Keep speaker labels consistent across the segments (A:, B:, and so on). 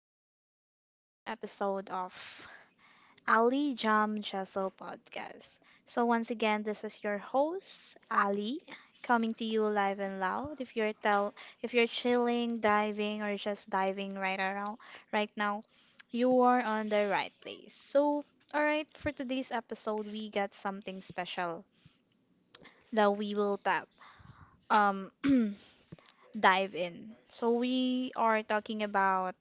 A: again here for another episode of Ali Jam Jessel podcast. So, once again, this is your host, Ali, coming to you live and loud. If you're chilling, diving, or just diving right around right now, you are on the right place. So, all right, for today's episode, we got something special that we will tap. Um, dive in. So, we are talking about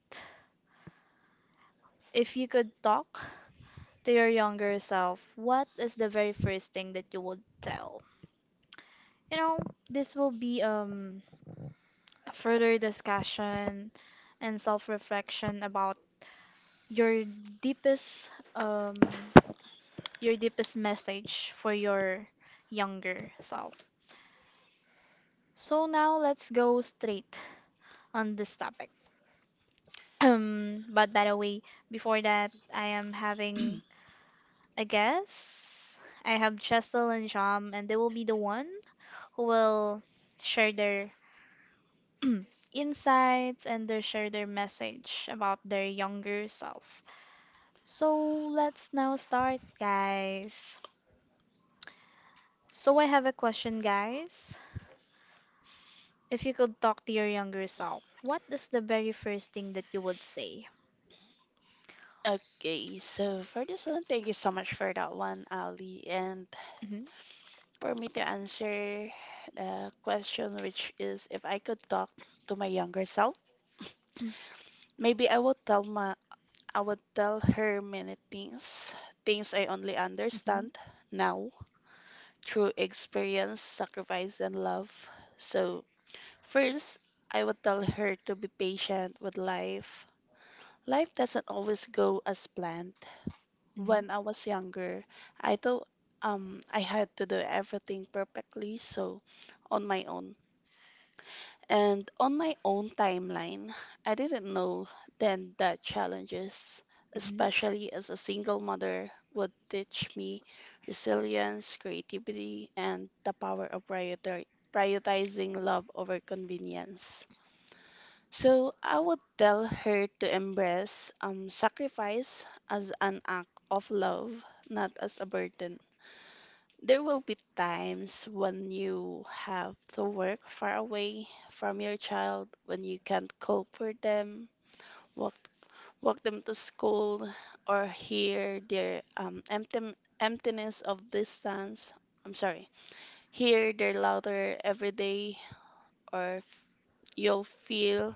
A: if you could talk to your younger self, what is the very first thing that you would tell? You know, this will be a further discussion and self-reflection about your deepest um, your deepest message for your younger self. So now let's go straight on this topic. But by the way, before that, I am having I guess I have Chesel and Jam, and they will be the one who will share their insights and they share their message about their younger self. So let's now start, guys. So I have a question, guys. If you could talk to your younger self, what is the very first thing that you would say?
B: Okay, so for this one, thank you so much for that one, Ali. And
A: Mhm,
B: for me to answer the question, which is if I could talk to my younger self, maybe I would tell her many things, things I only
A: mhm,
B: understand now through experience, sacrifice, and love. So first, I would tell her to be patient with life. Life doesn't always go as planned. When I was younger, I thought I had to do everything perfectly, so on my own. And on my own timeline, I didn't know then that challenges,
A: mhm, mhm,
B: especially as a single mother, would teach me resilience, creativity, and the power of prioritizing love over convenience. So I would tell her to embrace sacrifice as an act of love, not as a burden. There will be times when you have to work far away from your child, when you can't cook for them, walk, walk them to school, or hear their emptiness of distance. I'm sorry, hear their louder every day, or f- you'll feel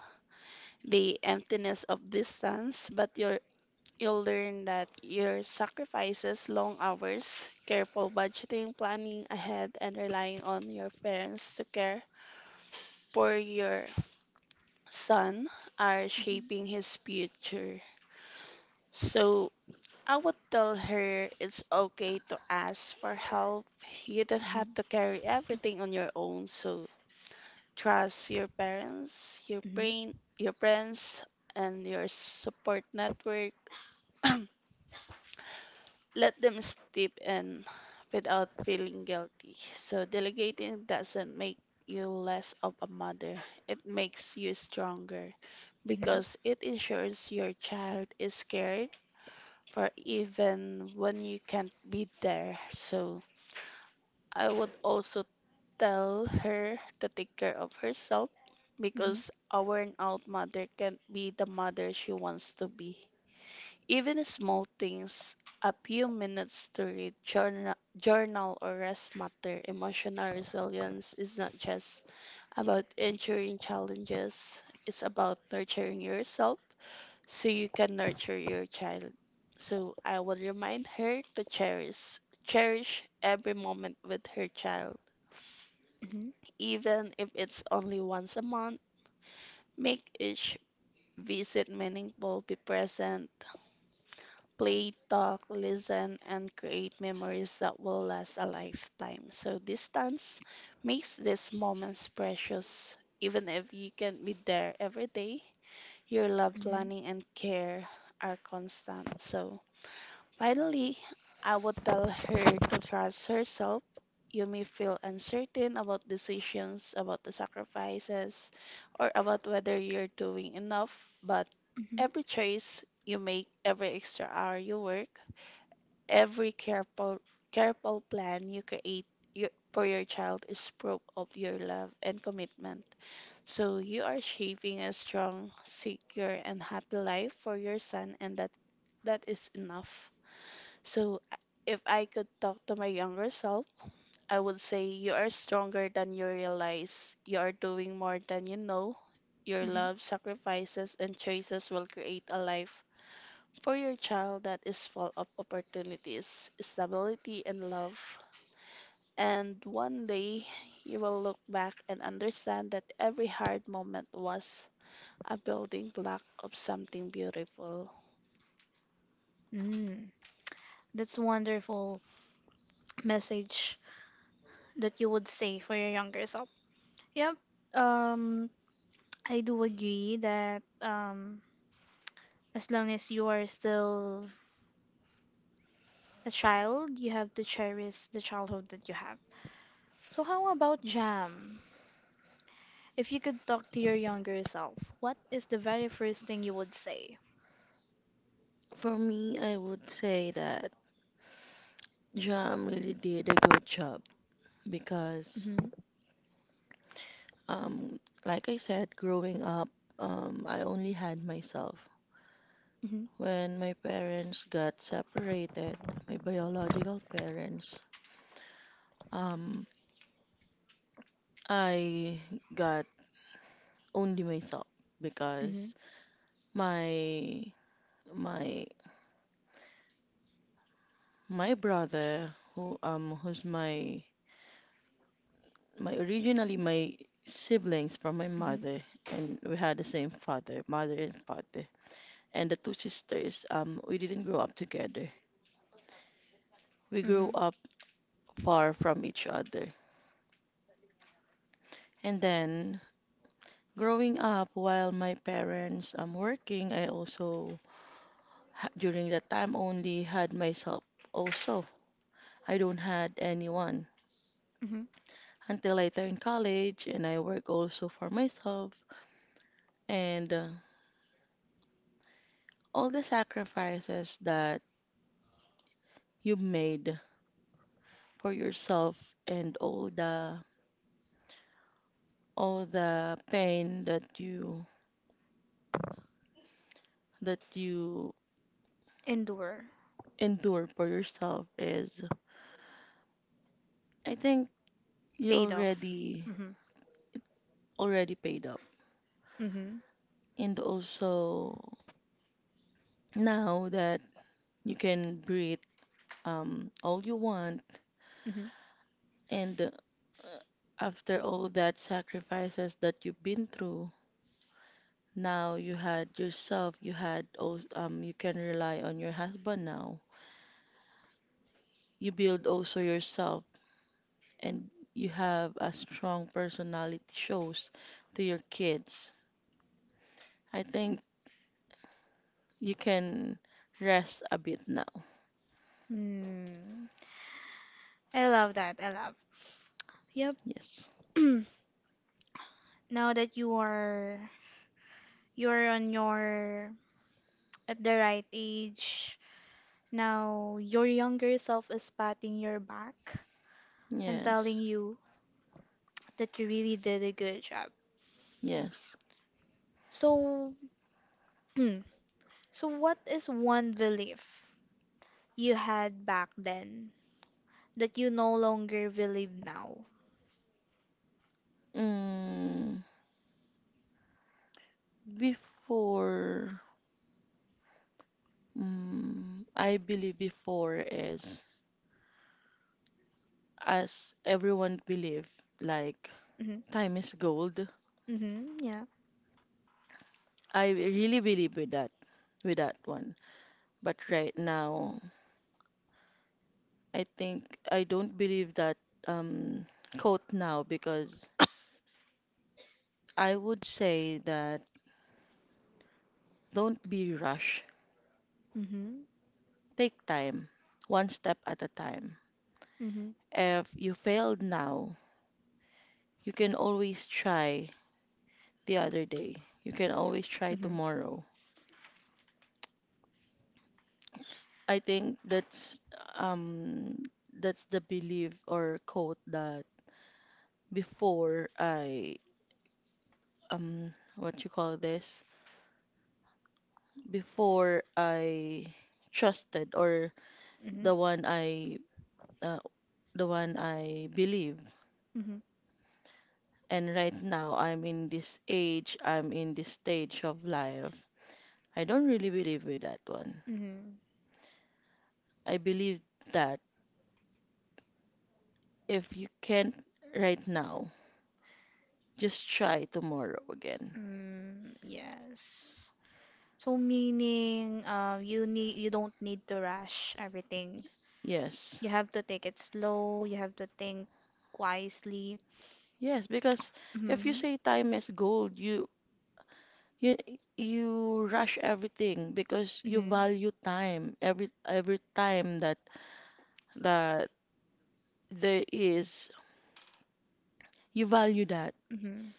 B: the emptiness of distance, but you're You'll learn that your sacrifices, long hours, careful budgeting, planning ahead, and relying on your parents to care for your son are shaping his future. So I would tell her it's okay to ask for help. You don't have to carry everything on your own. So trust your parents, your
A: mhm.
B: brain, your friends, and your support network. Let them step in without feeling guilty. So delegating doesn't make you less of a mother. It makes you stronger
A: Mhm. Mhm. Mhm. Mhm.
B: because it ensures your child is cared for even when you can't be there. So I would also tell her to take care of herself because a worn out mother can't be the mother she wants to be. Even small things, a few minutes to read, journal or rest matter. Emotional resilience is not just about enduring challenges, it's about nurturing yourself so you can nurture your child. So I will remind her to cherish every moment with her child.
A: Mhm.
B: Even if it's only once a month, make each visit meaningful, be present, play, talk, listen, and create memories that will last a lifetime. So, distance makes these moments precious. Even if you can't be there every day, your love, planning, and care are constant. So, finally, I would tell her to trust herself. You may feel uncertain about decisions, about the sacrifices, or about whether you're doing enough, but every choice you make, every extra hour you work, every careful plan you create you, for your child is proof of your love and commitment. So you are shaping a strong, secure, and happy life for your son, and that is enough. So I- if I could talk to my younger self, I would say you are stronger than you realize. You are doing more than you know. Your
A: Mhm. Mhm.
B: love, sacrifices, and choices will create a life for your child that is full of opportunities, stability, and love. And one day you will look back and understand that every hard moment was a building block of something beautiful.
A: Mhm. Mm, that's a wonderful message, that you would say for your younger self? Yep. Um, I do agree that as long as you are still a child, you have to cherish the childhood that you have. So, how about Jam? If you could talk to your younger self, what is the very first thing you would say? Mm-hmm. Mm-hmm. Mm-hmm. Mm-hmm. Mm-hmm. Mm-hmm. Endure. Paid off. Mm-hmm. Mm-hmm. Mm-hmm. Mm. I love that. I love. Yep. Now that you're on your at the right age, now your younger self is patting your back and telling you that you really did a good job. So, so what is one belief you had back then that you no longer believe now? Mm-hmm. Mm-hmm. Yeah. Mm-hmm. Mhm. Mhm. Mhm. Mhm. Mm, yes. So meaning, you don't need to rush everything. You have to take it slow. You have to think wisely. Mhm. Mhm. Mhm.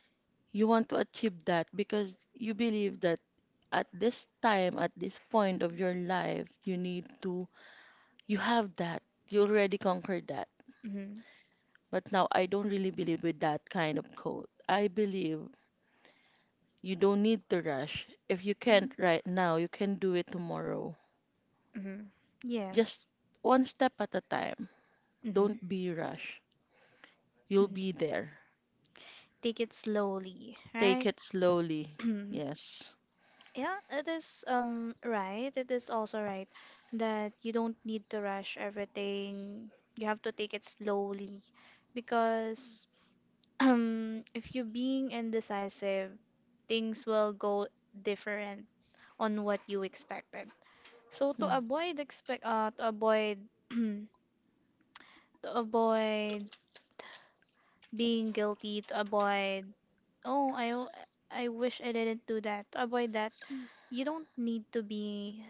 A: Mhm. Hmm. Hmm. Yes. Hmm. Hmm. Take it slowly, right? Yeah, it is right. It is also right that you don't need to rush everything. You have to take it slowly because if you're being indecisive, things will go different on what you expected. So to avoid to avoid being guilty, to avoid oh I w- I wish I didn't do that. To avoid that, you don't need to be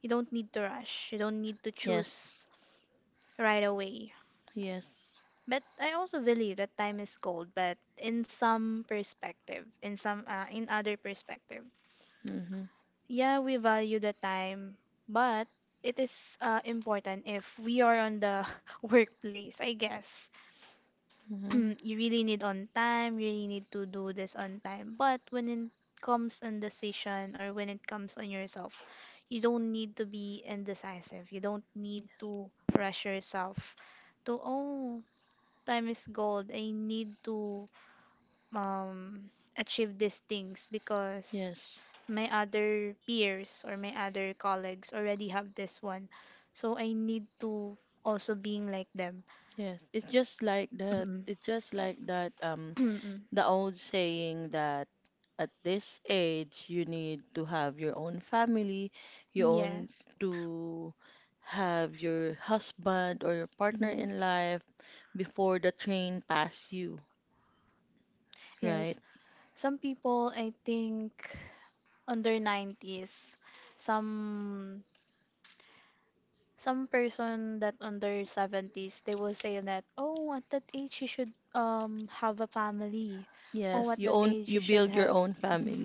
A: you don't need to rush. You don't need to choose right away. But I also believe that time is gold, but in some perspective, in other perspective. Yeah, we value the time, but it is important if we are on the workplace, I guess you really need on time, you really need to do this on time. But when it comes on decision or when it comes on yourself, you don't need to be indecisive. You don't need to rush yourself to, oh, time is gold. I need to um, achieve these things because my other peers or my other colleagues already have this one. So I need to also being like them. Yes. Mhm. Yes, some people I think under 90s, some some person that under 70s, they will say that, oh, at that age you should have a family. Oh, at that age you should have mhm.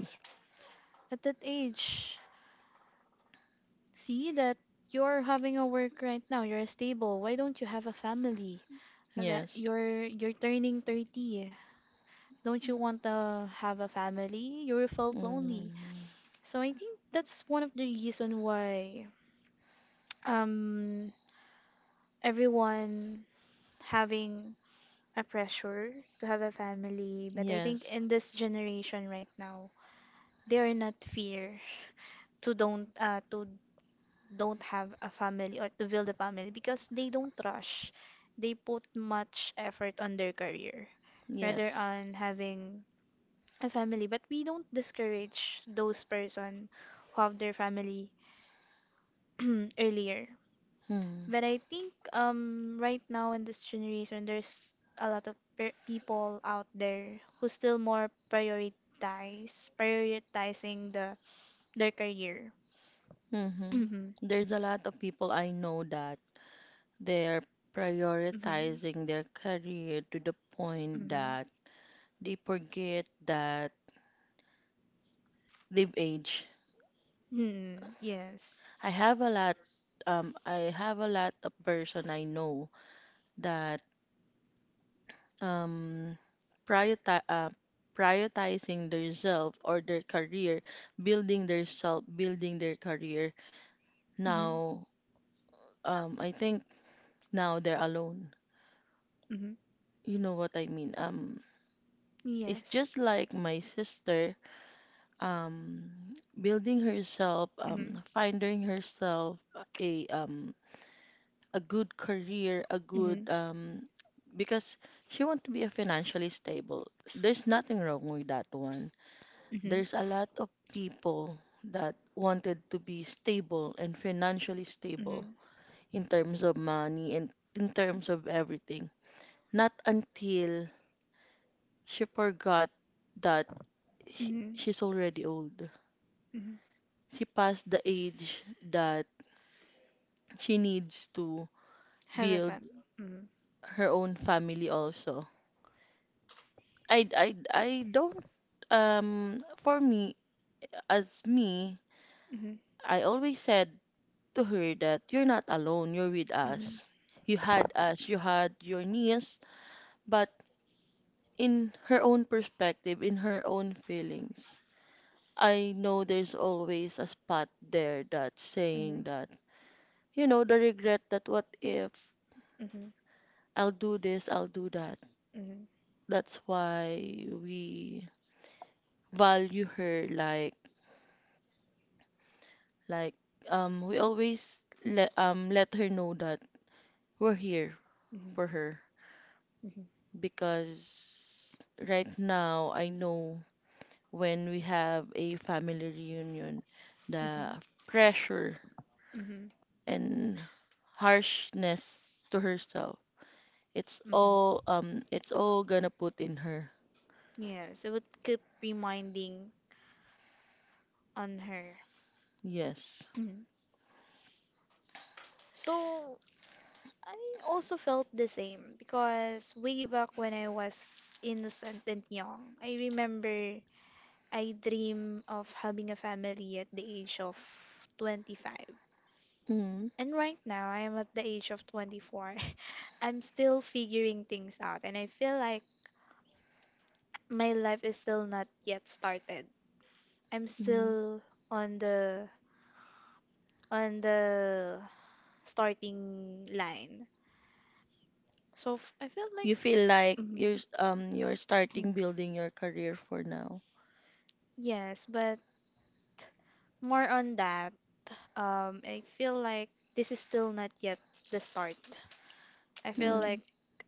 A: At that age, see that you're having a work right now, you're stable. Why don't you have a family? That you're turning 30. Don't you want to have a family? You felt lonely. So I think that's one of the reason why um everyone having a pressure to have a family. But I think in this generation right now, they are not fear to don't have a family or to build a family because they don't rush. They put much effort on their career rather on having a family, but we don't discourage those person who have their family earlier, but I think right now in this generation there's a lot of pe people out there who still more prioritize prioritizing the their career. Hmm. Hmm. Hmm. Hmm. Yes. Hmm. Hmm. Yes. Mhm. Mhm. Mhm. Mhm. Mhm. Mhm. Have a fun. Mhm. Mhm. Mhm. Mhm. Mhm. Mhm. Mhm. Mhm. Mm-hmm. Mm-hmm. Mm-hmm. Yes, it would keep reminding on her. Mm. So I also felt the same because way back when I was innocent and young, I remember I dream of having a family at the age of 25. And right now, I am at the age of 24. I'm still figuring things out, and I feel like my life is still not yet started. I'm still on the on the starting line. So I feel like mhm. Mm. Yes, but more on that. I feel like this is still not yet the start. I feel like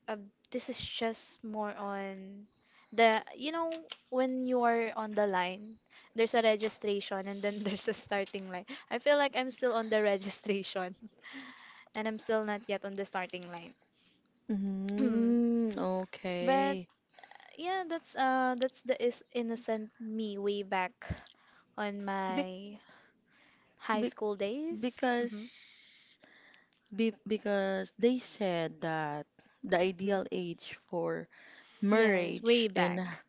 A: uh, this is just more on the, you know, when you are on the line, there's a registration and then there's a starting line. I feel like I'm still on the registration and I'm still not yet on the starting line. But yeah, that's the is innocent me way back on my high school days. Hmm. Hmm. Yes, way back.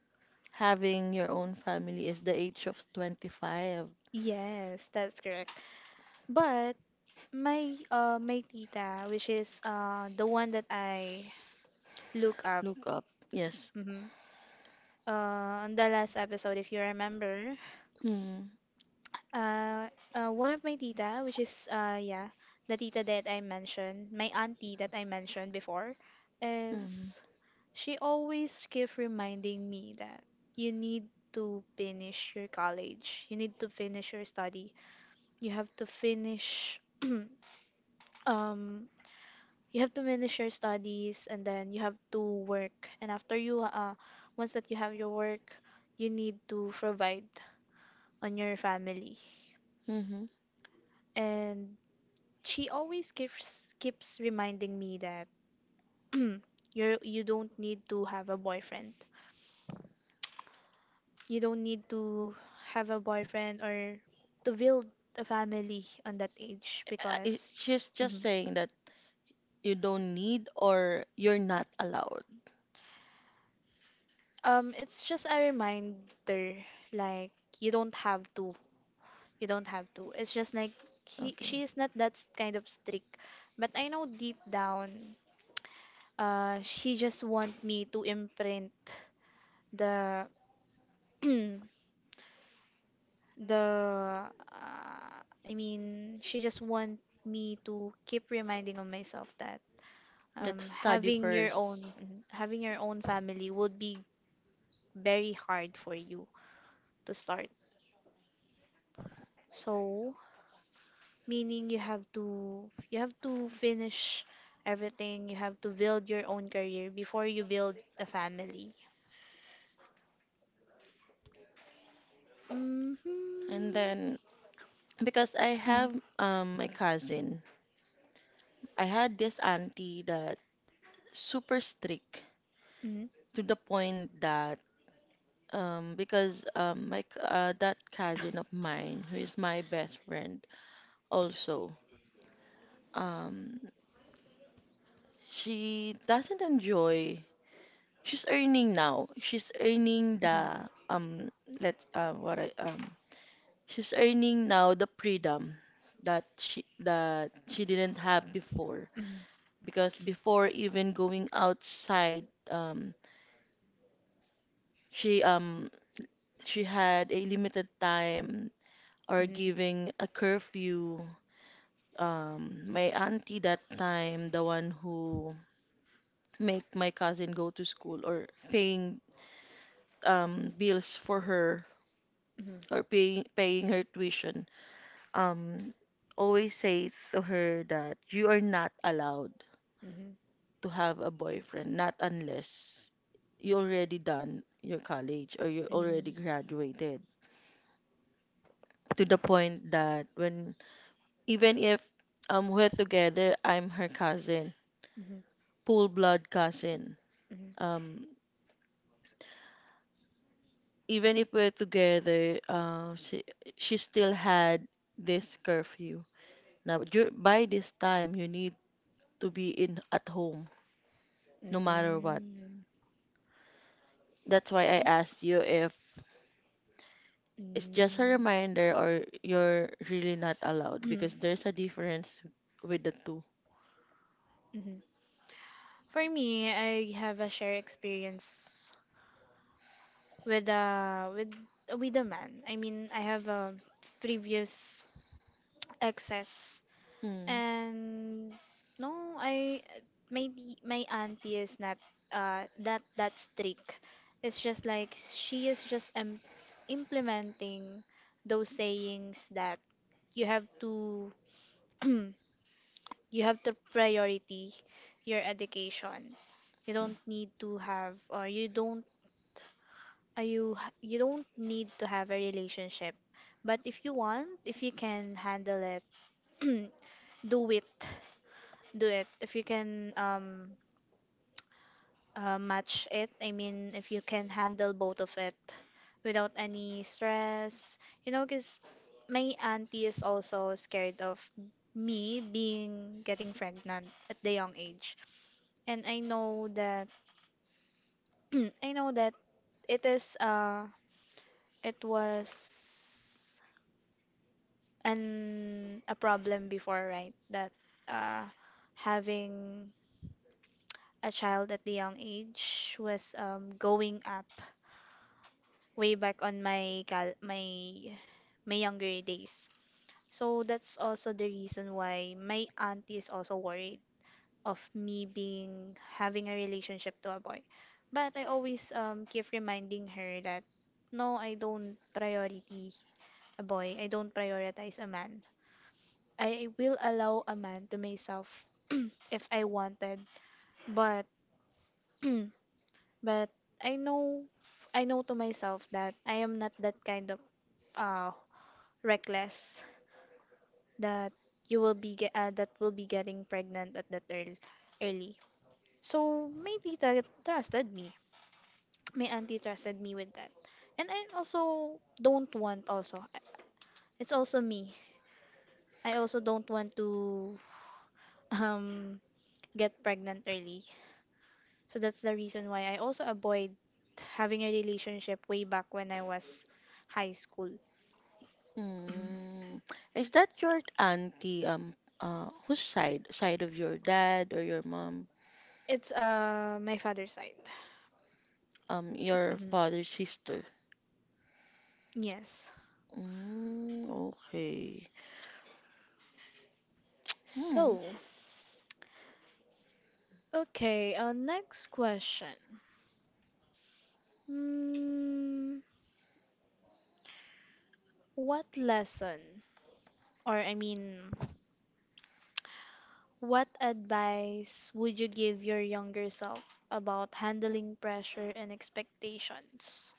A: Yes, that's correct. But my tita, which is the one that I look up, mhm, on the last episode, if you remember, uh, one of my tita, which is yeah, the tita that I mentioned, my auntie that I mentioned before, is she always keep reminding me that you need to finish your college, you need to finish your study, you have to finish um you have to finish your studies and then you have to work and after you once that you have your work you need to provide on your family, and she always keeps reminding me that you don't need to have a boyfriend, you don't need to have a boyfriend or to build a family on that age, because mhm. It's just a reminder like you don't have to. You don't have to. It's just like she is not that s- kind of strict. But I know deep down, she just want me to imprint the the uh, I mean, she just want me to keep reminding of myself that having your own mhm, having your own family would be very hard for you to start. So meaning you have to finish everything, you have to build your own career before you build a family. Hmm. Hmm. Hmm. Hmm. Hmm. Mhm, mhm, mhm, mhm. Mm, mm, mm, mhm. For me, I have a shared experience with uh with with a man. I mean, I have a previous exes, and no, I my auntie is not that strict. It's just like she is just implementing those sayings that you have to you have to priority your education. You don't need to have or you don't you don't need to have a relationship, but if you want, if you can handle it do it, do it if you can match it. I mean, if you can handle both of it without any stress, you know, because my auntie is also scared of me being getting pregnant at the young age, and I know that I know that it is it was and a problem before, right? That uh, having a child at the young age was going up way back my younger days. So that's also the reason why my auntie is also worried of me being having a relationship to a boy. But I always keep reminding her that no, I don't priority a boy. I don't prioritize a man. I will allow a man to myself if I wanted, but but I know I know to myself that I am not that kind of uh reckless that you will be ge- that will be getting pregnant at that early. So my tita trusted me. My auntie trusted me with that. And I also don't want also. It's also me. I also don't want to um get pregnant early. So that's the reason why I also avoid having a relationship way back when I was high school. It's my father's side. Hmm. Yes. So, okay, our next question. Hmm, what lesson or I mean, what advice would you give your younger self about handling pressure and expectations?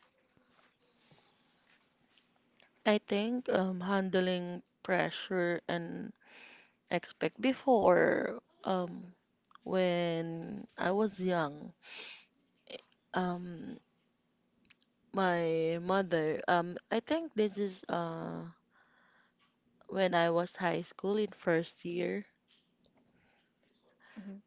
A: Hmm.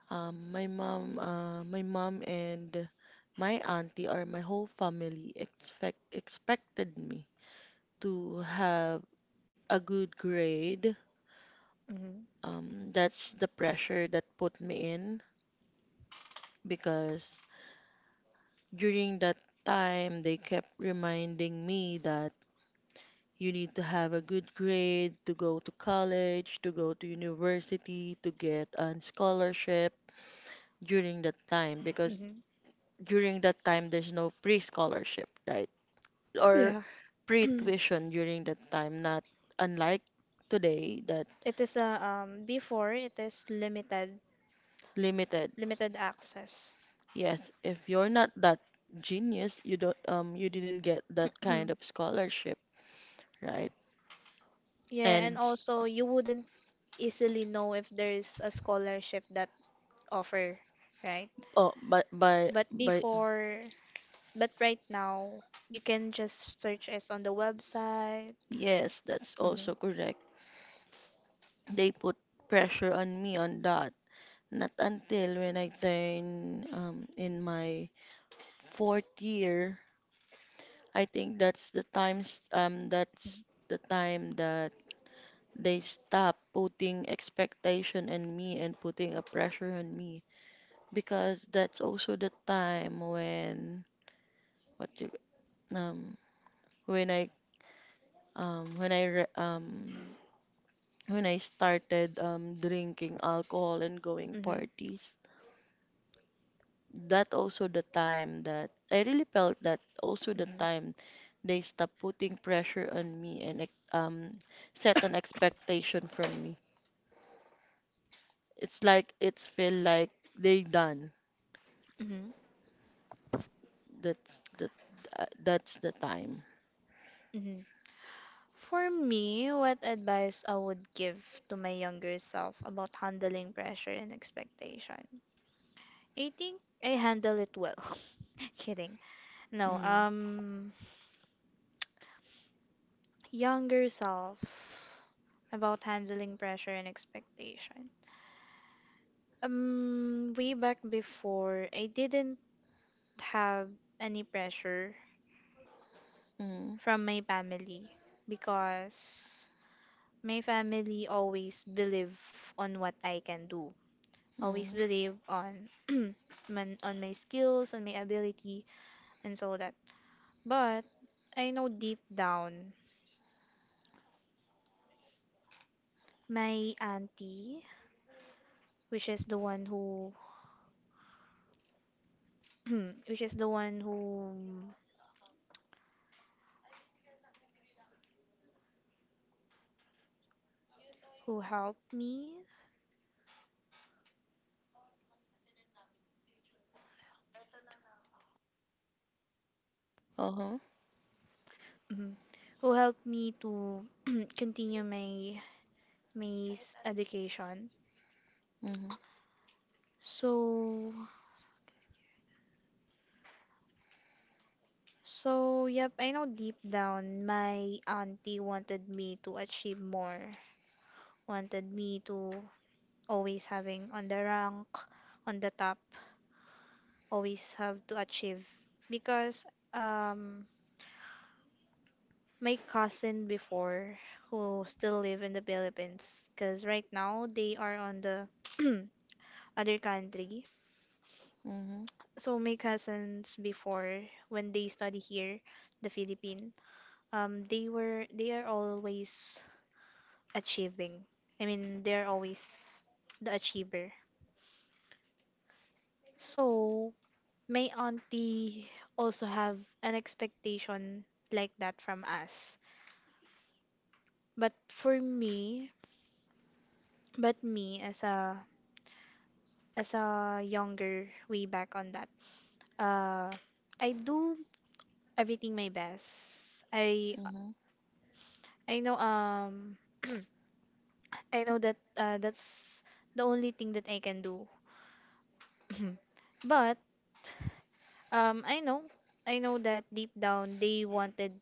A: Hmm. Hmm. Yeah. It is a before it is limited access. Yeah, and also you wouldn't easily know if there's a scholarship that offer, right? But before, but right now, you can just search it on the website. Hmm. Hmm. Hmm. Hmm. Hmm. For me, what advice I would give to my younger self about handling pressure and expectation? I think I handle it well. Kidding. No, younger self about handling pressure and expectation. Way back before, I didn't have any pressure from my family because my family always believe on what I can do. Always believe on man, on my skills, on my ability, and so that. But I know deep down, my auntie, which is the one who, which is the one who helped me, mhm, who helped me to continue my education. So so yep, I know deep down my auntie wanted me to achieve more, wanted me to always having on the rank, on the top, always have to achieve because um my cousin before who still live in the Philippines because right now they are on the other country. So my cousins before when they study here, the Philippine, they are always achieving. I mean, they're always the achiever. So my auntie also have an expectation like that from us. But for me, but me as a younger way back on that, uh, I do everything my best. I know. I know that that's the only thing that I can do. But um, I know, I know that deep down they wanted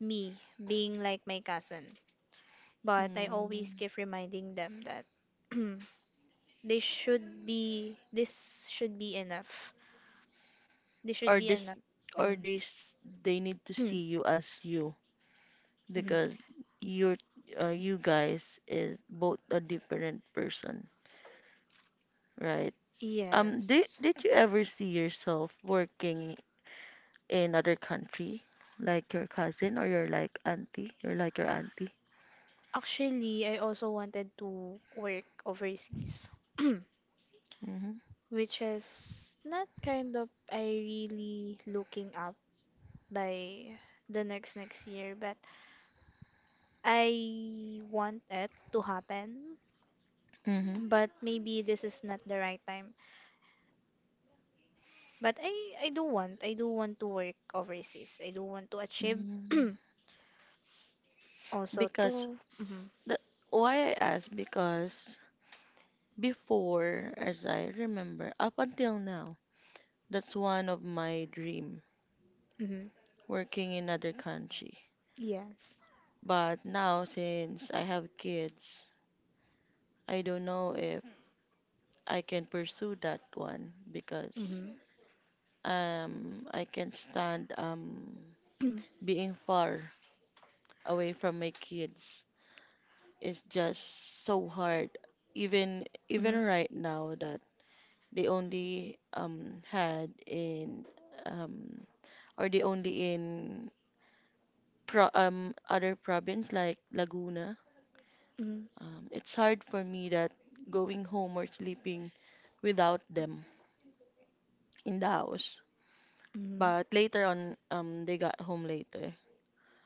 A: me being like my cousin. But I always keep reminding them that this should be enough. This should be enough. Mhm. Mhm. Yes. Actually, I also wanted to work overseas, which is not kind of I really looking up by the next next year, but I want it to happen. But maybe this is not the right time. But I do want to work overseas. I do want to achieve also to mhm, mhm. Yes. Mhm. Mhm. Mhm. Mhm.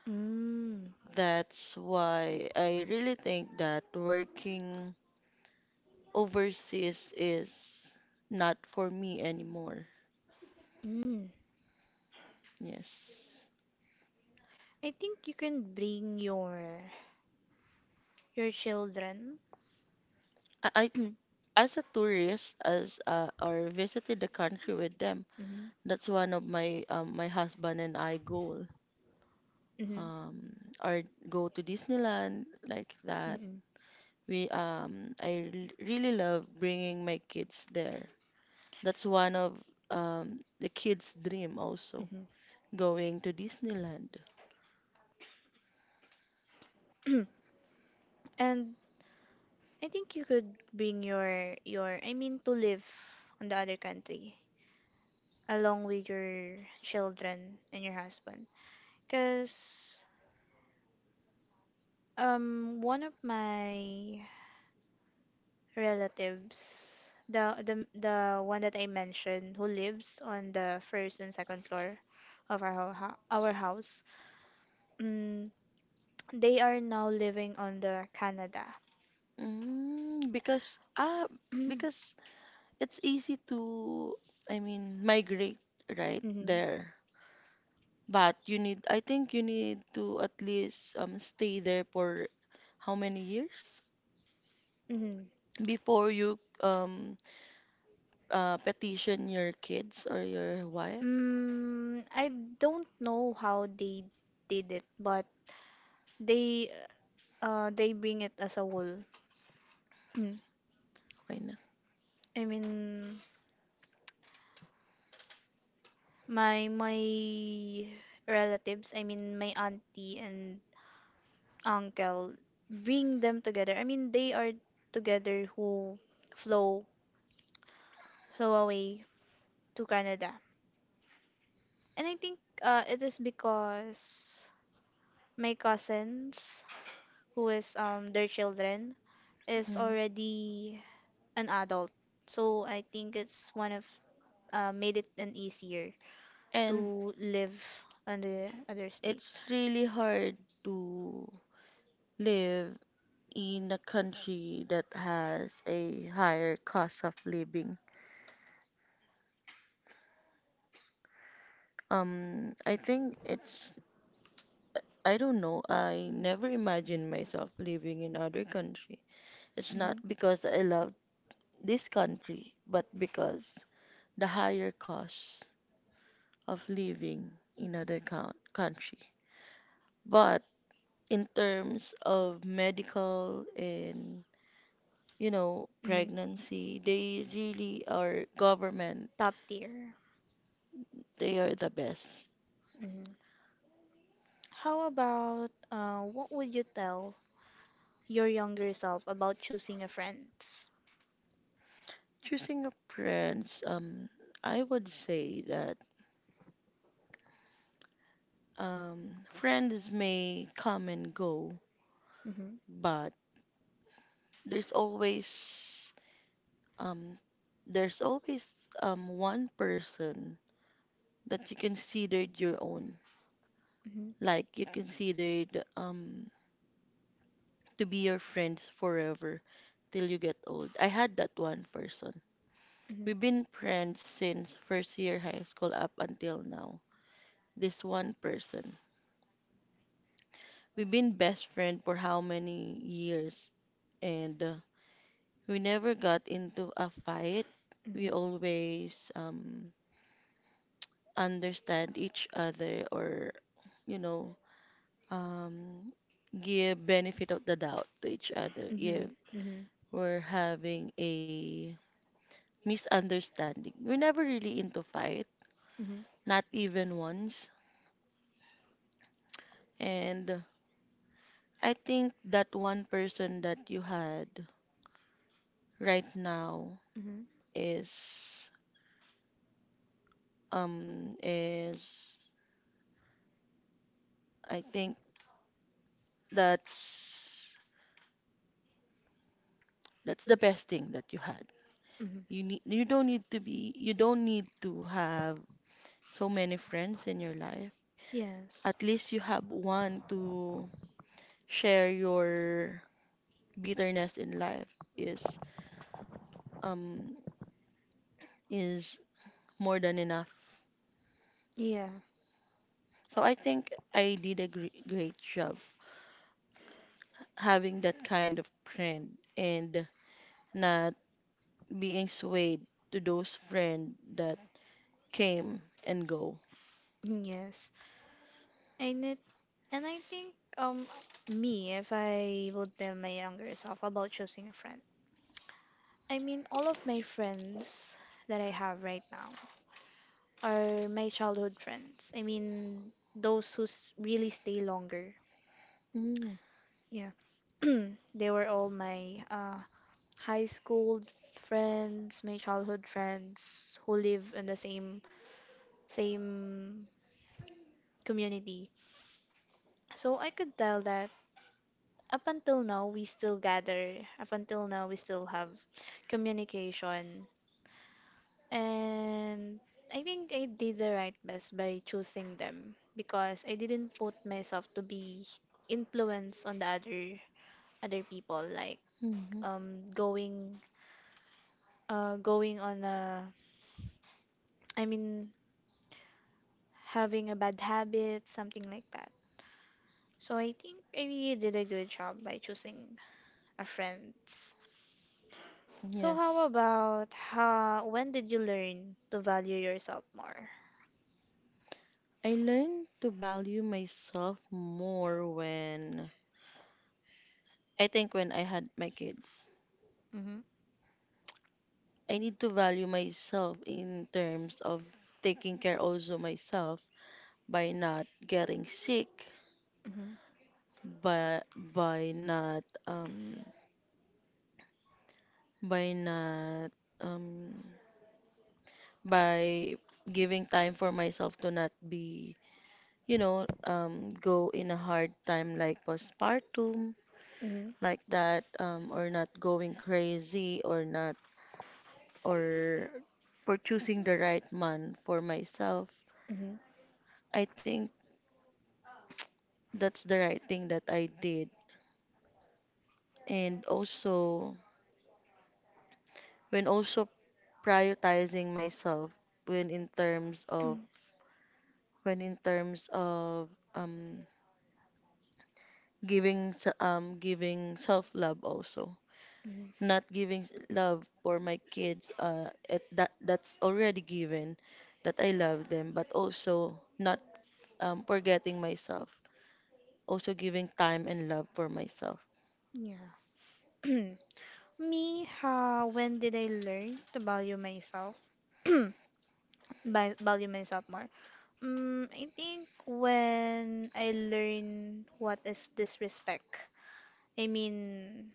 A: Mm. Mm. I think you can bring your children. Mhm. Mhm. Mm-mm, mm-hmm. And I think you could bring your I mean, to live on the other country along with your children and your husband. Cause one of my relatives, the one that I mentioned who lives on the first and second floor of our our house, mm, they are now living on the Canada. Mm-hmm. Mhm. I don't know how they did it, but they they bring it as a whole. Mm. I mean my relatives, I mean my auntie and uncle bring them together. I mean they are together who flow flow away to Canada. And I think it is because my cousins who is their children is already an adult. So I think it's one of made it an easier to live on the other state. Hmm. Hmm. Top tier. Hmm. How about what would you tell your younger self about choosing a friends? Hmm. Mhm. Mhm. Mhm. Mhm. Mhm. Mhm. Mhm. Yes. Yeah. Mm. Yes. And it and I think me, if I would tell my younger self about choosing a friend. I mean all of my friends that I have right now are my childhood friends. I mean those who really stay longer. Yeah. They were all my high school friends, my childhood friends who live in the same community. So I could tell that up until now we still gather, up until now we still have communication. And I think I did the right best by choosing them because I didn't put myself to be influenced on the other people like going going on a, I mean, having a bad habit, something like that. So I think I really did a good job by choosing a friends. So how about when did you learn to value yourself more? Mm-hmm. Mm-hmm. Mm-hmm. Mm-hmm. Mm-hmm. Yeah. Me, when did I learn to value myself? By value myself more. I think when I learn what is disrespect. I mean,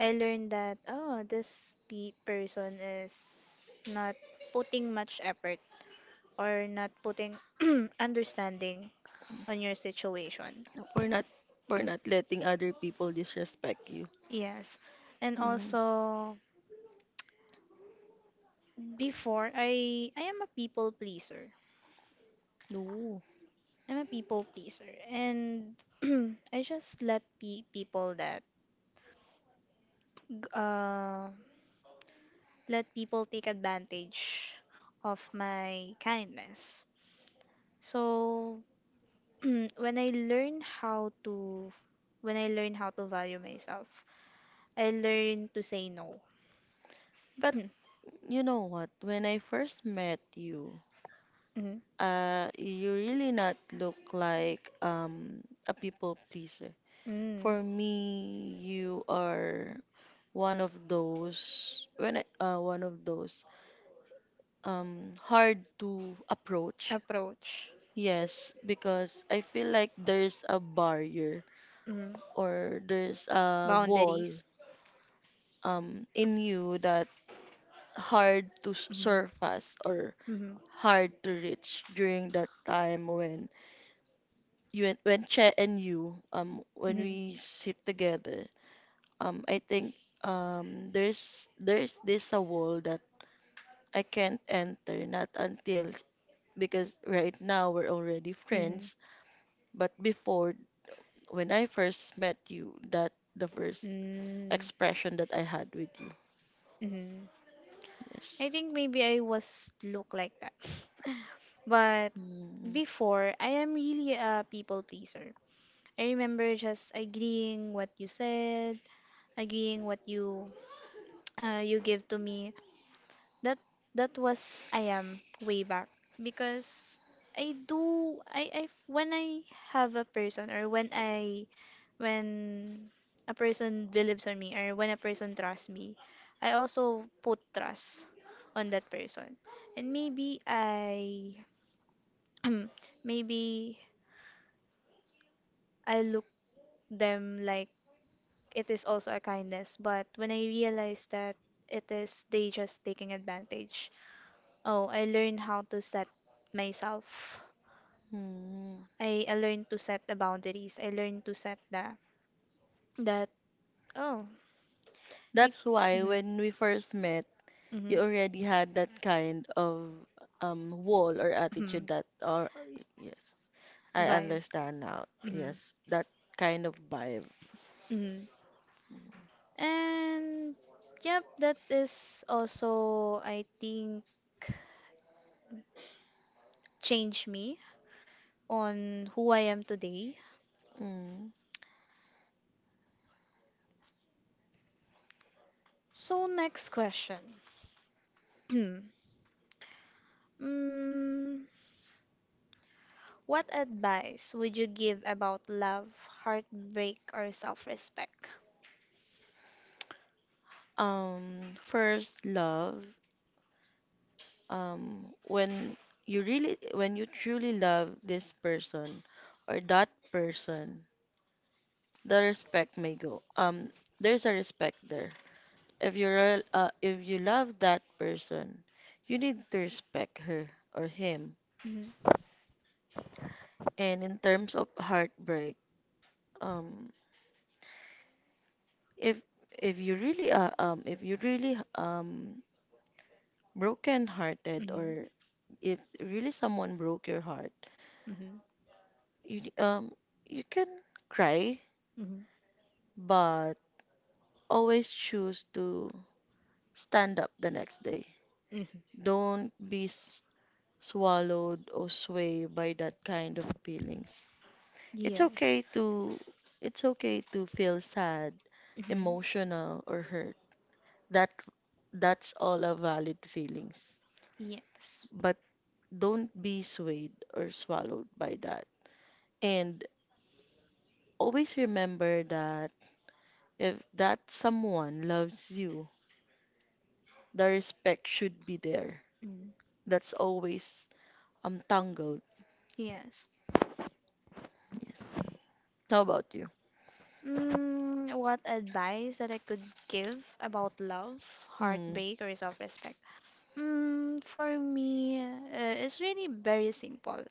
A: I learned that, oh, this pe person is not putting much effort or not putting understanding on your situation. Yes. And also, before, I am a people pleaser. I'm a people pleaser. And I just let pe people that, g- uh, let people take advantage of my kindness. So, when I learn how to when I learn how to value myself, I learn to say no. Mm, mm, approach. Mm, boundaries. Mm. Mm. Mm. Mm. Mm. Mm. I think maybe I was look like that. But before, I am really a people pleaser. I remember just agreeing what you said, agreeing what you you give to me, that was I am way back because I do I when I have a person or when a person believes on me or when a person trusts me, I also put trust on that person. And maybe I maybe I look them like it is also a kindness, but when I realize that it is they just taking advantage. Oh, I learned how to set myself. I learned to set the boundaries. I learned to set the that oh I mm-hmm, mm-hmm, mm-hmm, vibe. Mm-hmm. Mm-hmm. And yep, that is also I think changed me on who I am today. So next question. mm, what advice would you give about love, heartbreak, or self-respect? Mm-hmm. Mhm. Mhm. Mhm. Mhm. Yes. Mhm. Yes. Mm. Yes. What advice that I could give about love, heartbreak, or self-respect? For me, it's really very simple.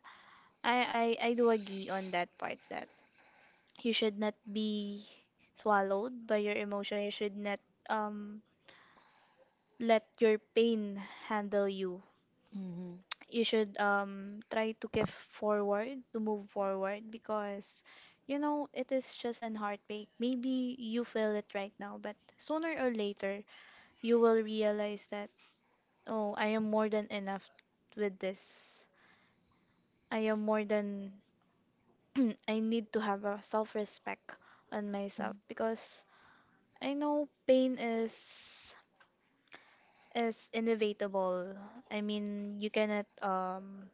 A: I do agree on that part that you should not be swallowed by your emotion. You should not let your pain handle you. You should try to give forward to move forward because it is just an heartbreak. Maybe you feel it right now, but sooner or later you will realize that, oh, I am more than enough. With this, I am more than I need to have a self-respect on myself because I know pain is inevitable. I mean, you cannot.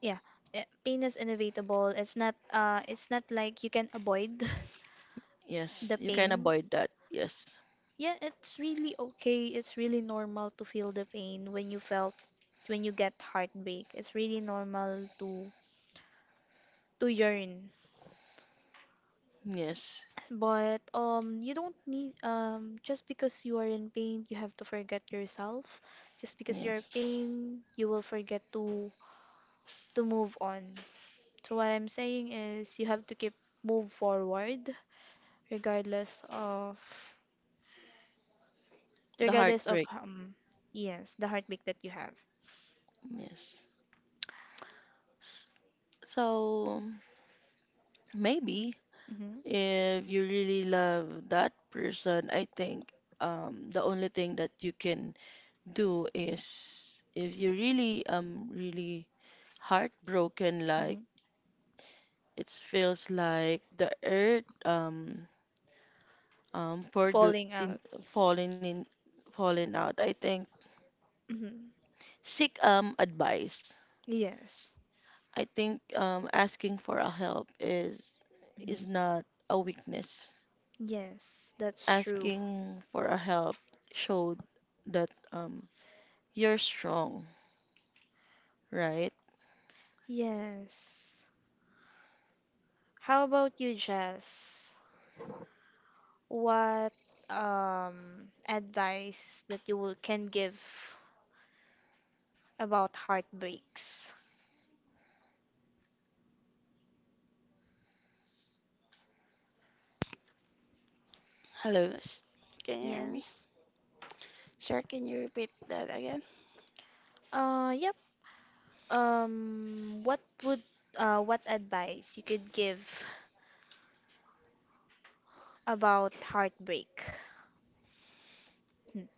A: Yeah, pain is inevitable. It's not like you can avoid the pain. Yeah, it's really okay. It's really normal to feel the pain when you felt when you get heartbreak. It's really normal to yearn. But you don't need, just because you are in pain, you have to forget yourself. Just because you're pain, you will forget to move on. So what I'm saying is you have to keep move forward regardless of regardless of um yes, the heartbreak that you have. Hmm. Hmm. Falling out. Hmm. Yes. Hmm. Yes, that's true. Yes. How about you, Jess? What advice that can give about heartbreaks?
B: Hello. Can you hear me?
A: Yes.
B: Sir, can you repeat that again?
A: Yep. Um, what would what advice you could give about heartbreak? Hmm.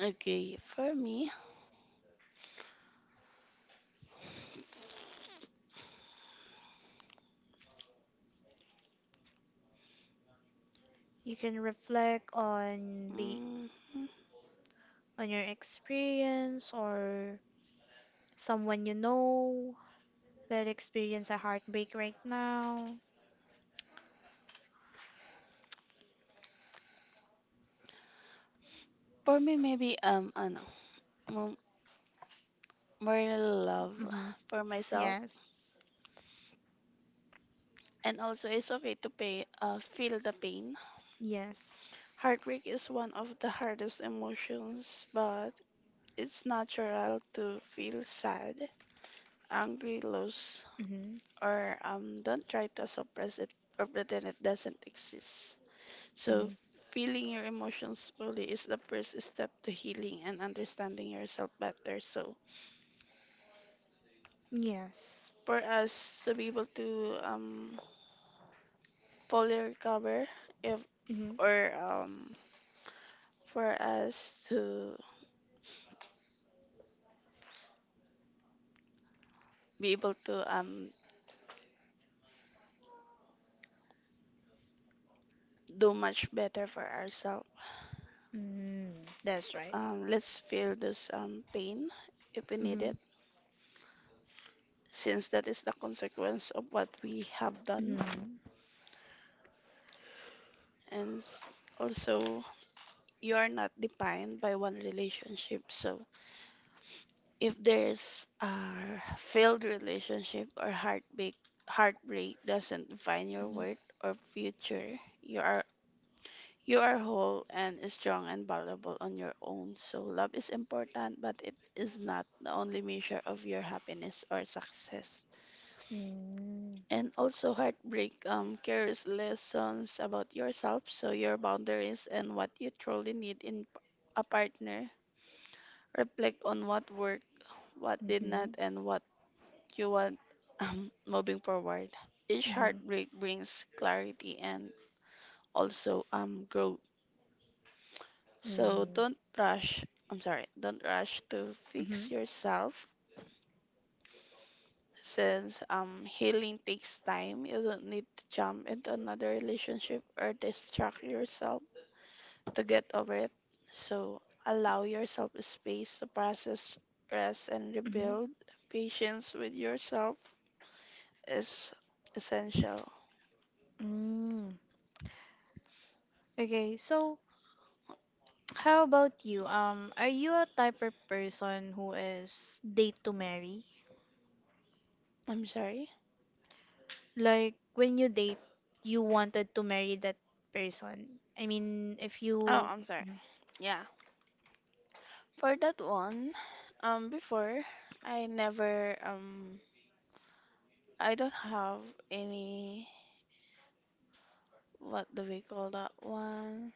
B: Okay, for me,
A: You can reflect
B: mm,
A: on your experience or someone you know that experience a heartbreak right now.
B: for me maybe ano, mo- more love
A: Mm-hmm.
B: for myself,
A: Yes.
B: and also it's okay to pay feel the pain.
A: Yes.
B: Heartbreak is one of the hardest emotions, but it's natural to feel sad, angry, lost,
A: Mm-hmm.
B: or don't try to suppress it or pretend it doesn't exist.
A: Mm-hmm.
B: So, feeling your emotions fully is the first step to healing and understanding yourself better. So,
A: Yes.
B: for us to be able to fully recover, if
A: Mm-hmm.
B: or for us to be able to do much better for ourselves,
A: Mm, that's right.
B: Let's feel this pain if we need
A: Mm-hmm.
B: it, since that is the consequence of what we have
A: Mm-hmm.
B: done.
A: Mm-hmm.
B: And s- Also, you are not defined by one relationship. So, if there's a failed relationship or heartbreak, heartbreak doesn't define your worth or future. You are whole and strong and valuable on your own. So love is important, but it is not the only measure of your happiness or success.
A: Mm-hmm.
B: And also, heartbreak carries lessons about yourself, so your boundaries and what you truly need in a partner. Reflect on what worked, what did not,
A: Mm-hmm.
B: and what you want moving forward. Each heartbreak brings clarity and also growth. So don't rush. I'm sorry, don't rush to
A: Mm-hmm.
B: fix yourself since healing takes time. You don't need to jump into another relationship or distract yourself to get over it. So allow yourself space to process, rest, and
A: Hmm.
B: rebuild. Patience with yourself is essential.
A: Mm. Okay, so how about you? Are you a type of person who is date to marry?
B: I'm sorry.
A: Like when you date, you wanted to marry that person. I mean, if
B: Oh,
A: you.
B: I'm sorry.
A: Hmm.
B: Yeah. For that one, before I never um I don't have any, what do we call that one?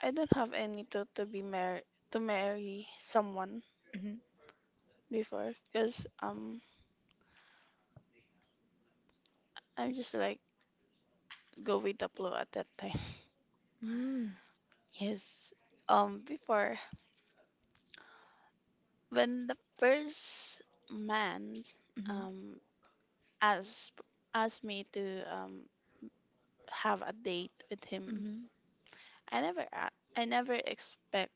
B: I don't have any to be married to marry someone
A: Mm-hmm.
B: before because I'm just like go with the flow at that time.
A: Mm-hmm.
B: Yes. Before when the first man
A: Mm.
B: um asked asked me to have a date with him,
A: Mm-hmm.
B: I never expect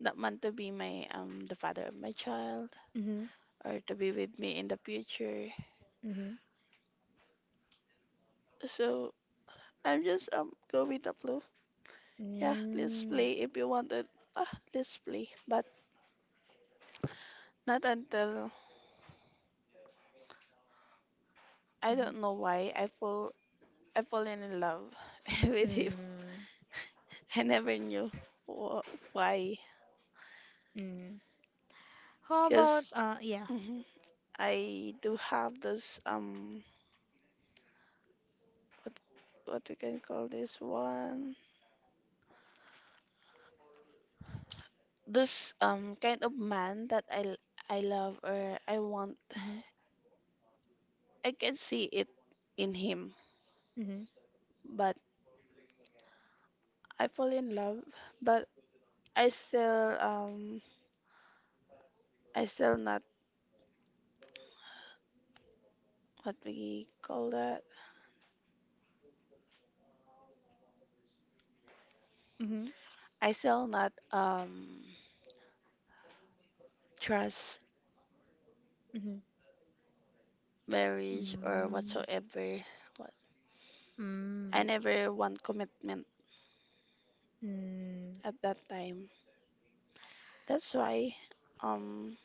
B: that man to be my the father of my child
A: Mm-hmm.
B: or to be with me in the future.
A: Hmm. Mm-hmm.
B: So I'm just go with the flow. Yeah,
A: Mm-hmm.
B: let's play
A: Mm.
B: if you wanted. Ah, let's play. But not until I don't know why I fall in love with him.
A: Mm.
B: I never knew wh- why,
A: Mm. How about
B: because
A: yeah.
B: I do have those what we can call this one, this kind of man that I love or I want.
A: Mm-hmm.
B: I can see it in him,
A: Mm-hmm.
B: but I fall in love, but I still um I still not, what we call that.
A: Mm-hmm.
B: I still not trust
A: Mm-hmm.
B: marriage or
A: Mm.
B: whatsoever. What
A: Mm.
B: I never want commitment
A: Mm.
B: at that time. That's why um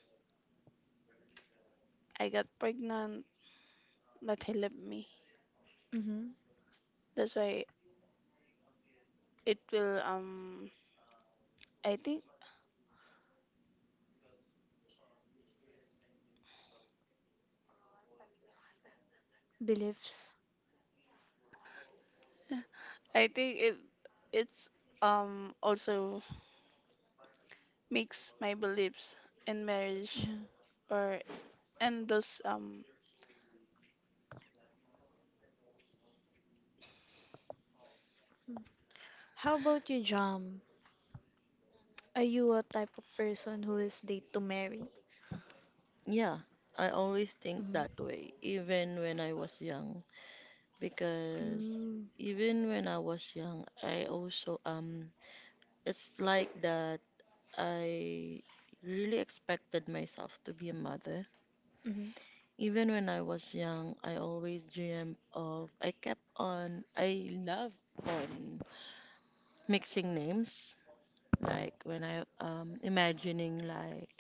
B: I got pregnant but he left me.
A: Hmm.
B: That's why it will I think
A: Beliefs.
B: I think it's also mix my beliefs in marriage
A: Hmm.
B: or, and those um,
A: How about you, Jam? Are you a type of person who is date to marry?
C: Yeah, I always think that
A: Mm-hmm.
C: way, even when I was young, because
A: Mm.
C: even when I was young, I also it's like that I really expected myself to be a mother.
A: Mm-hmm.
C: Even when I was young, I always dreamed of, I kept on, I love on mixing names, like when I imagining like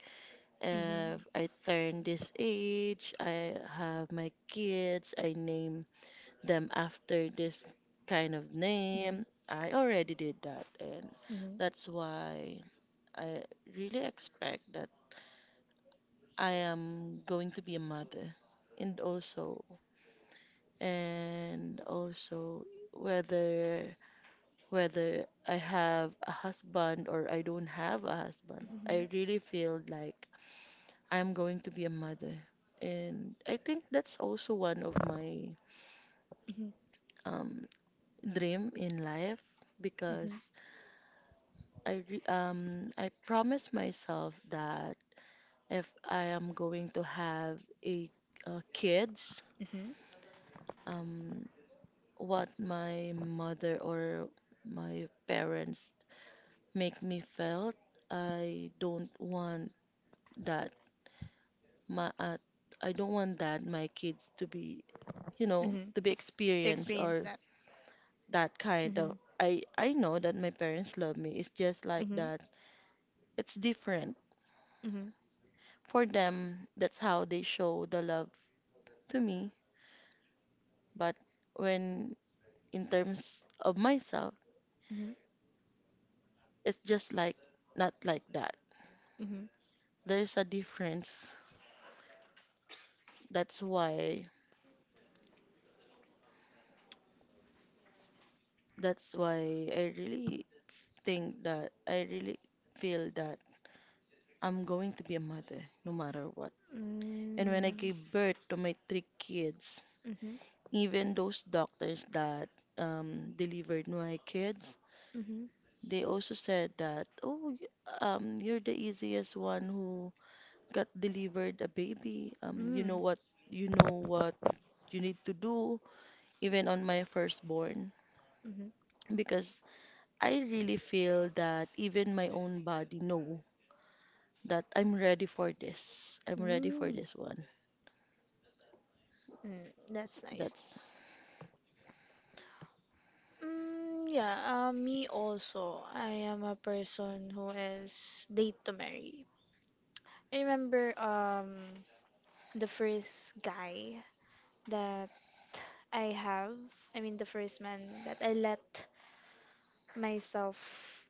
A: Mm-hmm.
C: if I turn this age, I have my kids, I name them after this kind of
A: Mm-hmm.
C: name. I already did that, and
A: Mm-hmm.
C: that's why I really expect that I am going to be a mother. And also, and also whether whether I have a husband or I don't have a husband,
A: Mm-hmm.
C: I really feel like I'm going to be a mother. And I think that's also one of my um, dream in life
A: Mm-hmm.
C: because I promised myself that if I am going to have a kids,
A: Mm-hmm.
C: um, what my mother or my parents make me felt, I don't want that my I don't want that my kids to be,
A: Mm-hmm.
C: to be
A: To
C: experienced
A: experience
C: or
A: that.
C: that kind
A: Mm-hmm.
C: of. I know that my parents love me. It's just like
A: Mm-hmm.
C: that. It's different.
A: Mm-hmm.
C: For them, that's how they show the love to me. But when in terms of myself,
A: Mm-hmm.
C: it's just like not like that.
A: Mm-hmm.
C: There's a difference. That's why that's why I really think that I really feel that I'm going to be a mother no matter what. And when I
A: Mm-hmm.
C: gave birth to my three kids,
A: Mm-hmm. Mm-hmm.
C: even those doctors that delivered my kids,
A: Mm-hmm. Mm-hmm.
C: they also said that, oh, you're the easiest one who got delivered a baby. You know
A: Mm.
C: what, you know what you need to do, even on my firstborn, because I really feel that even my own body know that I'm ready for this. I'm ready for
A: Mm.
C: this one.
A: That's nice.
C: That's
A: Yeah, me also. I am a person who is date to marry. I remember the first guy that I have, I mean the first man that I let myself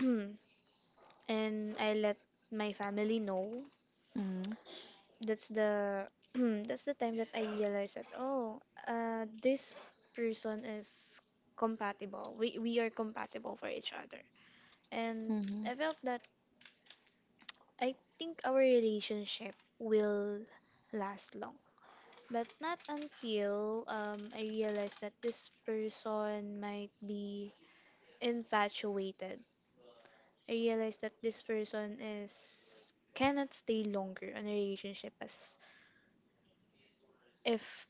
A: and I let my family know.
C: Mm-hmm,
A: That's the That's the time that I realized that, oh, this person is compatible. We are compatible for each other. And
C: mm-hmm,
A: I felt that I think our relationship will last long, but not until, I realize that this person might be infatuated. I realize that this person is cannot stay longer in a relationship as if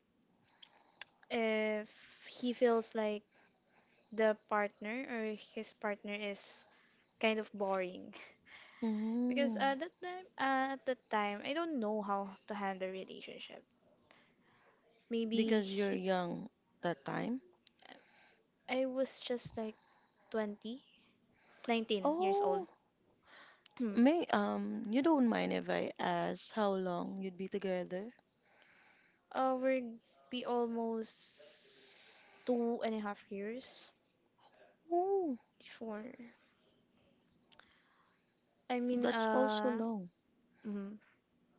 A: if he feels like the partner or his partner is kind of boring because
C: mm-hmm.
A: at that time I don't know how to handle relationship. Maybe
C: Because you're
A: he-
C: young that time.
A: I was just like 20, 19 years old.
C: Oh.
A: Hmm.
C: You don't mind if I ask how long you'd be together?
A: We're be almost two and a half years
C: Oh,
A: before. I mean,
C: that's also
A: uh,
C: long.
A: mm,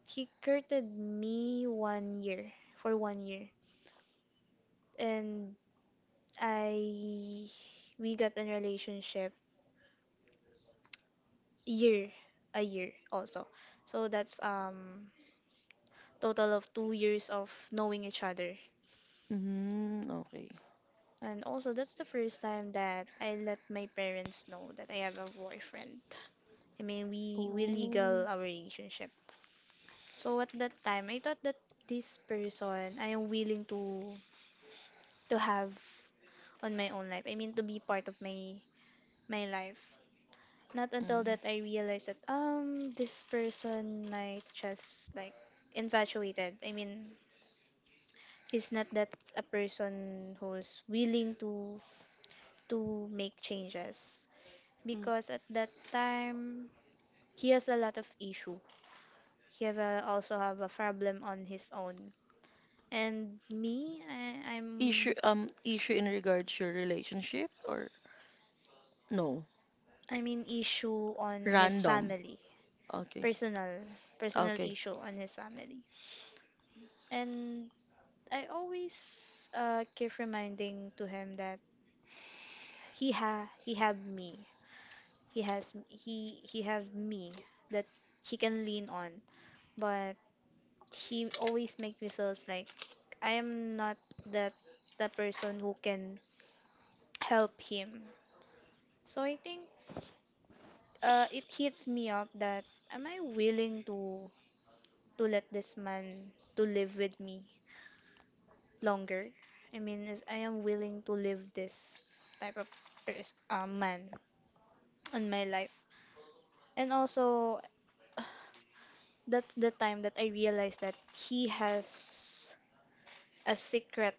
A: he courted me one year for 1 year, and I we got in relationship year a year also. So that's total of 2 years of knowing each other.
C: Mm, okay.
A: And also, that's the first time that I let my parents know that I have a boyfriend. I mean, we legal
C: Oh,
A: our relationship. So at that time, I thought that this person I am willing to have on my own life. I mean, to be part of my life. Not until
C: mm.
A: that I realized that this person might just like infatuated. I mean, he's not that a person who's willing to make changes,
B: mm,
A: because at that time he has a lot of issue. He have a, also have a problem on his own. And me,
C: Issue, um, issue in regards to your relationship or no?
A: I'm in issue on his
C: Random.
A: family,
C: Okay,
A: personal personal
C: okay.
A: issue on his family. And I always keep reminding to him that he have me. He have me that he can lean on. But he always make me feels like I am not that the person who can help him. So I think it hits me up that am I willing to let this man to live with me longer? I mean, is I am willing to live this type of man in my life. And also that's the time that I realized that he has a secret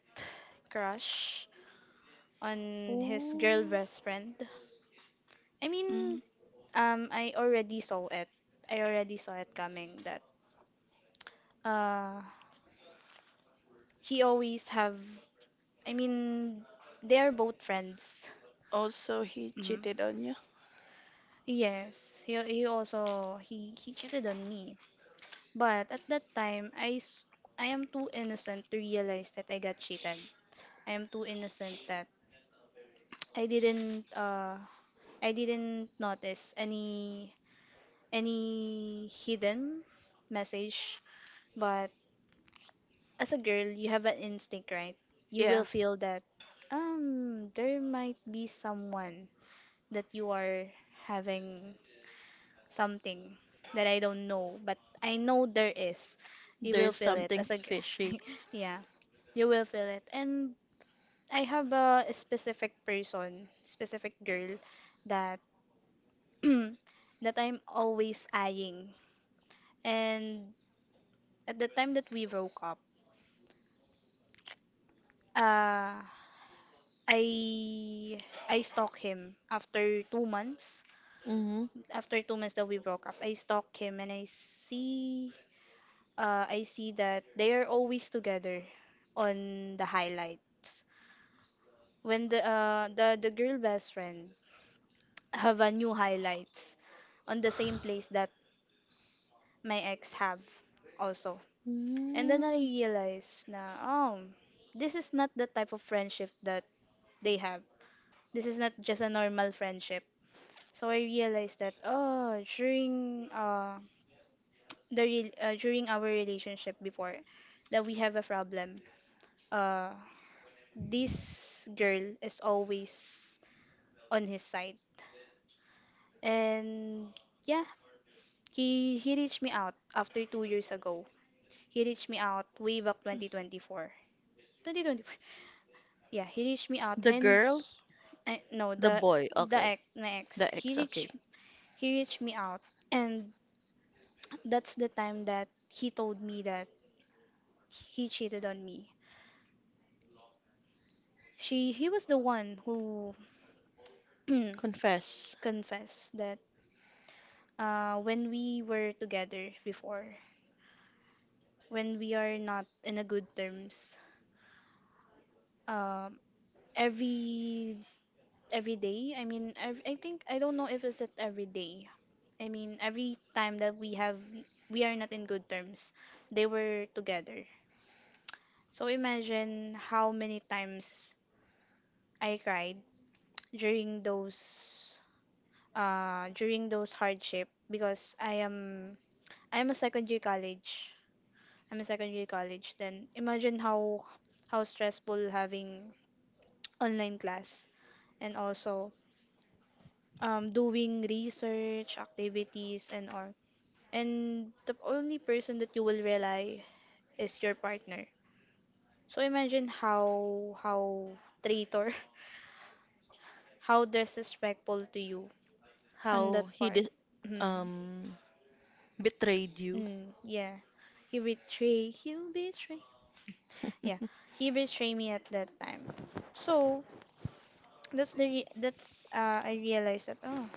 A: crush on his girl
C: Oh,
A: best friend. I mean,
B: mm,
A: I already saw it. I already saw it coming that uh he always have, I mean, they are both friends.
B: also he
A: Hmm.
B: cheated on you.
A: Yes, he also he cheated on me. But at that time I am too innocent to realize that I got cheated. I am too innocent that I didn't uh I didn't notice any any hidden message. But as a girl, you have an instinct, right? You will
B: Yeah.
A: feel that there might be someone that you are having something that I don't know, but I know there is. You will
C: there's
A: feel it as a
C: something's
A: g-
C: fishy.
A: Yeah, you will feel it. And I have a specific person, specific girl that that I'm always eyeing. And at the time that we broke up, uh I I stalked him after 2 months,
C: Mm-hmm.
A: that we broke up, I stalk him and I see that they are always together on the highlights. When the girl best friend have a new highlights on the same place that my ex have also. And then I
C: Mm.
A: realized na, oh, this is not the type of friendship that they have. This is not just a normal friendship. So I realized that oh, during during our relationship before, that we have a problem. Uh, this girl is always on his side, and yeah, he reached me out after 2 years ago. He reached me out way back
B: Mm.
A: 2024. 2024. Yeah, he reached me out
C: The
A: and
C: girl,
A: I, no,
C: the
A: the
C: boy. Okay,
A: my ex.
C: the ex. Okay.
A: He reached me out, and that's the time that he told me that he cheated on me. She He was the one who
C: Confess
A: confess that when we were together before, when we are not in a good terms, um, every every day, I mean, ev I think I don't know if it's at every day. I mean, every time that we are not in good terms, they were together. So imagine how many times I cried during those during those hardship because I am a second year college, I'm in secondary college. Then imagine how stressful having online class and also doing research activities and all. And the only person that you will rely is your partner. So imagine how traitor, how disrespectful to you on that
C: how he
A: part.
C: did,
A: Mm,
C: um, betrayed you.
A: mm, yeah. He betray. Yeah, he betrayed me at that time. So That's the re- that's I realized that oh,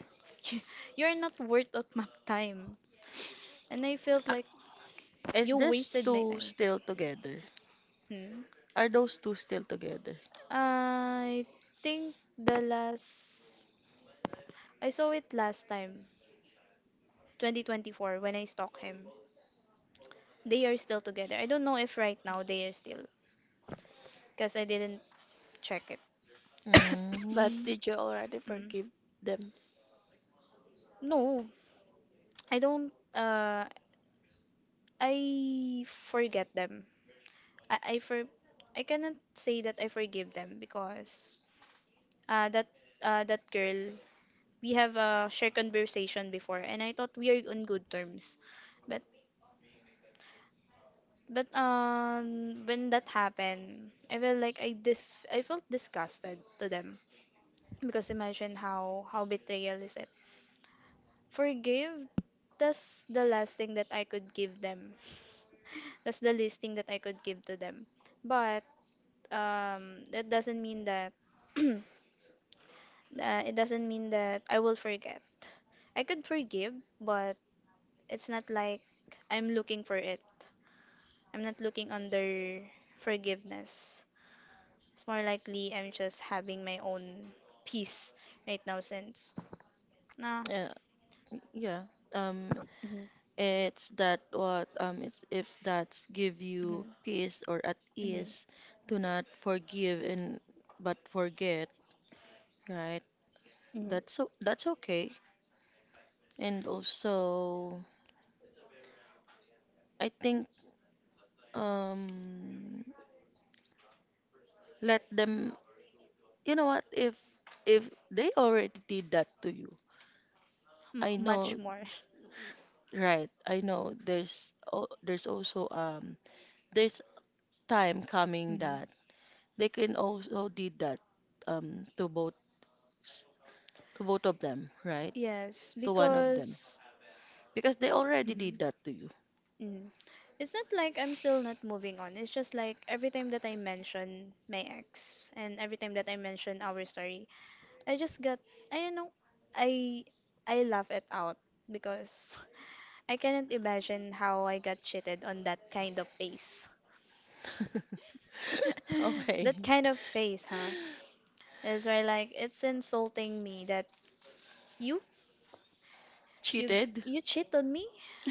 A: you're not worth of my time, and I felt like
C: Is
A: you
C: this
A: wasted my
C: two
A: time.
C: still together?
A: Hmm.
C: Are those two still together?
A: I think the last I saw it last time, 2024, when I stalked him. They are still together. I don't know if right now they are still, cause I didn't check it.
B: But
C: Mm.
B: did you already
A: Mm.
B: forgive them?
A: No, I don't. I forget them. I I for I cannot say that I forgive them because uh, that that girl, we have a shared conversation before, and I thought we are on good terms. But when that happened, I felt like I felt disgusted to them because imagine how betrayal is it. Forgive, that's the last thing that I could give them. That's the least thing that I could give to them. But that doesn't mean that uh, it doesn't mean that I will forget. I could forgive, but it's not like I'm looking for it. I'm not looking under forgiveness. It's more likely I'm just having my own peace right now since. Nah.
C: Yeah, yeah. Um,
A: Hmm.
C: it's that what it's if that's give you
A: Hmm.
C: peace or at
A: Hmm.
C: ease to not forgive and but forget, right?
A: Hmm.
C: That's so that's okay. And also, I think um, let them. You know what? If they already did that to you,
A: M-
C: I
A: much
C: know.
A: more.
C: Right, I know there's, oh, there's also there's time coming
A: Hmm.
C: that they can also did that to both s- to both of them, right?
A: Yes,
C: To one of them
A: because
C: because they already did
A: mhm,
C: that to you.
A: mhm. It's not like I'm still not moving on. It's just like every time that I mention my ex and every time that I mention our story, I just got, I don't know, I I laugh it out because I cannot imagine how I got cheated on that kind of face.
C: Okay.
A: That kind of face, huh? It's right, like, it's insulting me that you you
C: Cheated
A: you cheat on me.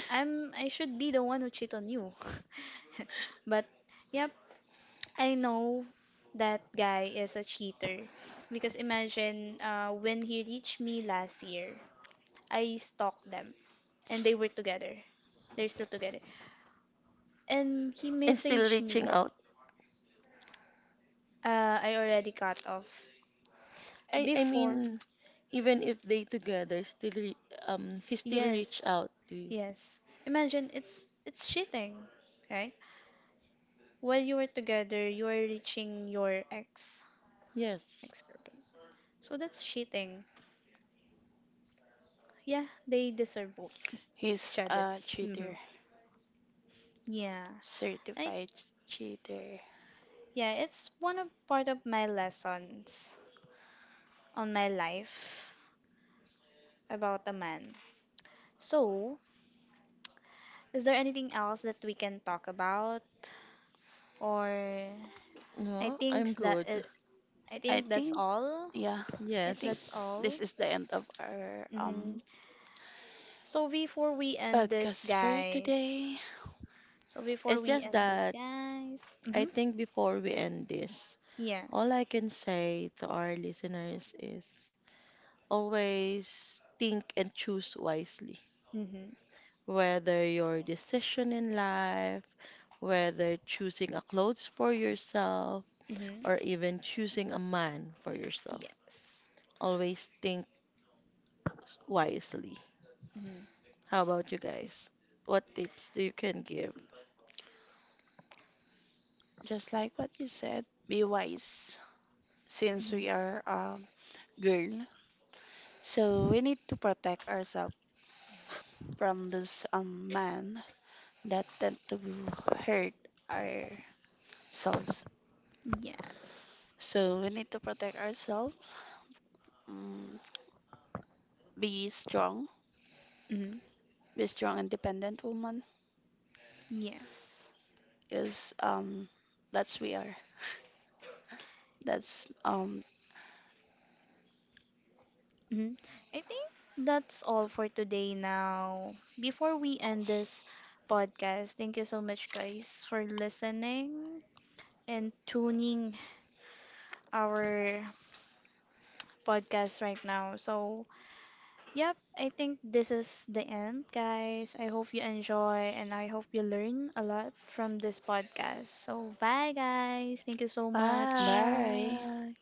A: I'm I should be the one who cheat on you. But yep, I know that guy is a cheater because imagine when he reached me last year, I stalked them and they were together. They're still together. And he
C: and still
A: messaged
C: reaching
A: me.
C: out.
A: I already cut off.
C: I I
A: Before,
C: mean even if they together still he still reached
A: yes,
C: out to you.
A: yes. Imagine it's cheating, right? While you were together, you are reaching your ex
C: Yes.
A: ex-girlfriend. So that's cheating. Yeah, they deserve both each
B: He's
A: other.
B: a
A: Hmm.
B: cheater.
A: Yeah, I
B: Certified cheater.
A: yeah, it's one of part of my lessons on my life about a man. So, is there anything else that we can talk about? Or I
C: No, I'm
A: think that
C: good.
A: I
B: I
A: think that's
B: think,
A: all.
B: yeah, I think
A: That's
C: Yes.
A: all.
B: this is the end of our
A: Hmm. So before we end this,
B: podcast for
A: guys.
B: today.
A: So before
C: It's
A: we
C: just
A: end this,
C: that
A: guys. Mm-hmm.
C: I think before we end this,
A: Yes.
C: all I can say to our listeners is always think and choose wisely.
A: Mm-hmm.
C: Whether your decision in life, whether choosing a clothes for yourself,
A: Mm-hmm.
C: or even choosing a man for yourself,
A: Yes.
C: always think wisely.
A: Mm-hmm.
C: How about you guys? What tips do you can give?
B: Just like what you said, be wise since
A: Mm-hmm.
B: we are girl. So we need to protect ourselves from this man that tend to hurt our souls.
A: Yes.
B: So we need to protect ourselves. Mm, be strong.
A: Mm-hmm.
B: Be strong, independent woman.
A: Yes.
B: Is That's we are. That's um,
A: Mm-hmm. I think that's all for today now. Before we end this podcast, thank you so much, guys, for listening and tuning our podcast right now. So, yep, I think this is the end, guys. I hope you enjoy and I hope you learn a lot from this podcast. So, bye, guys. Thank you so much.
B: bye.
C: Bye.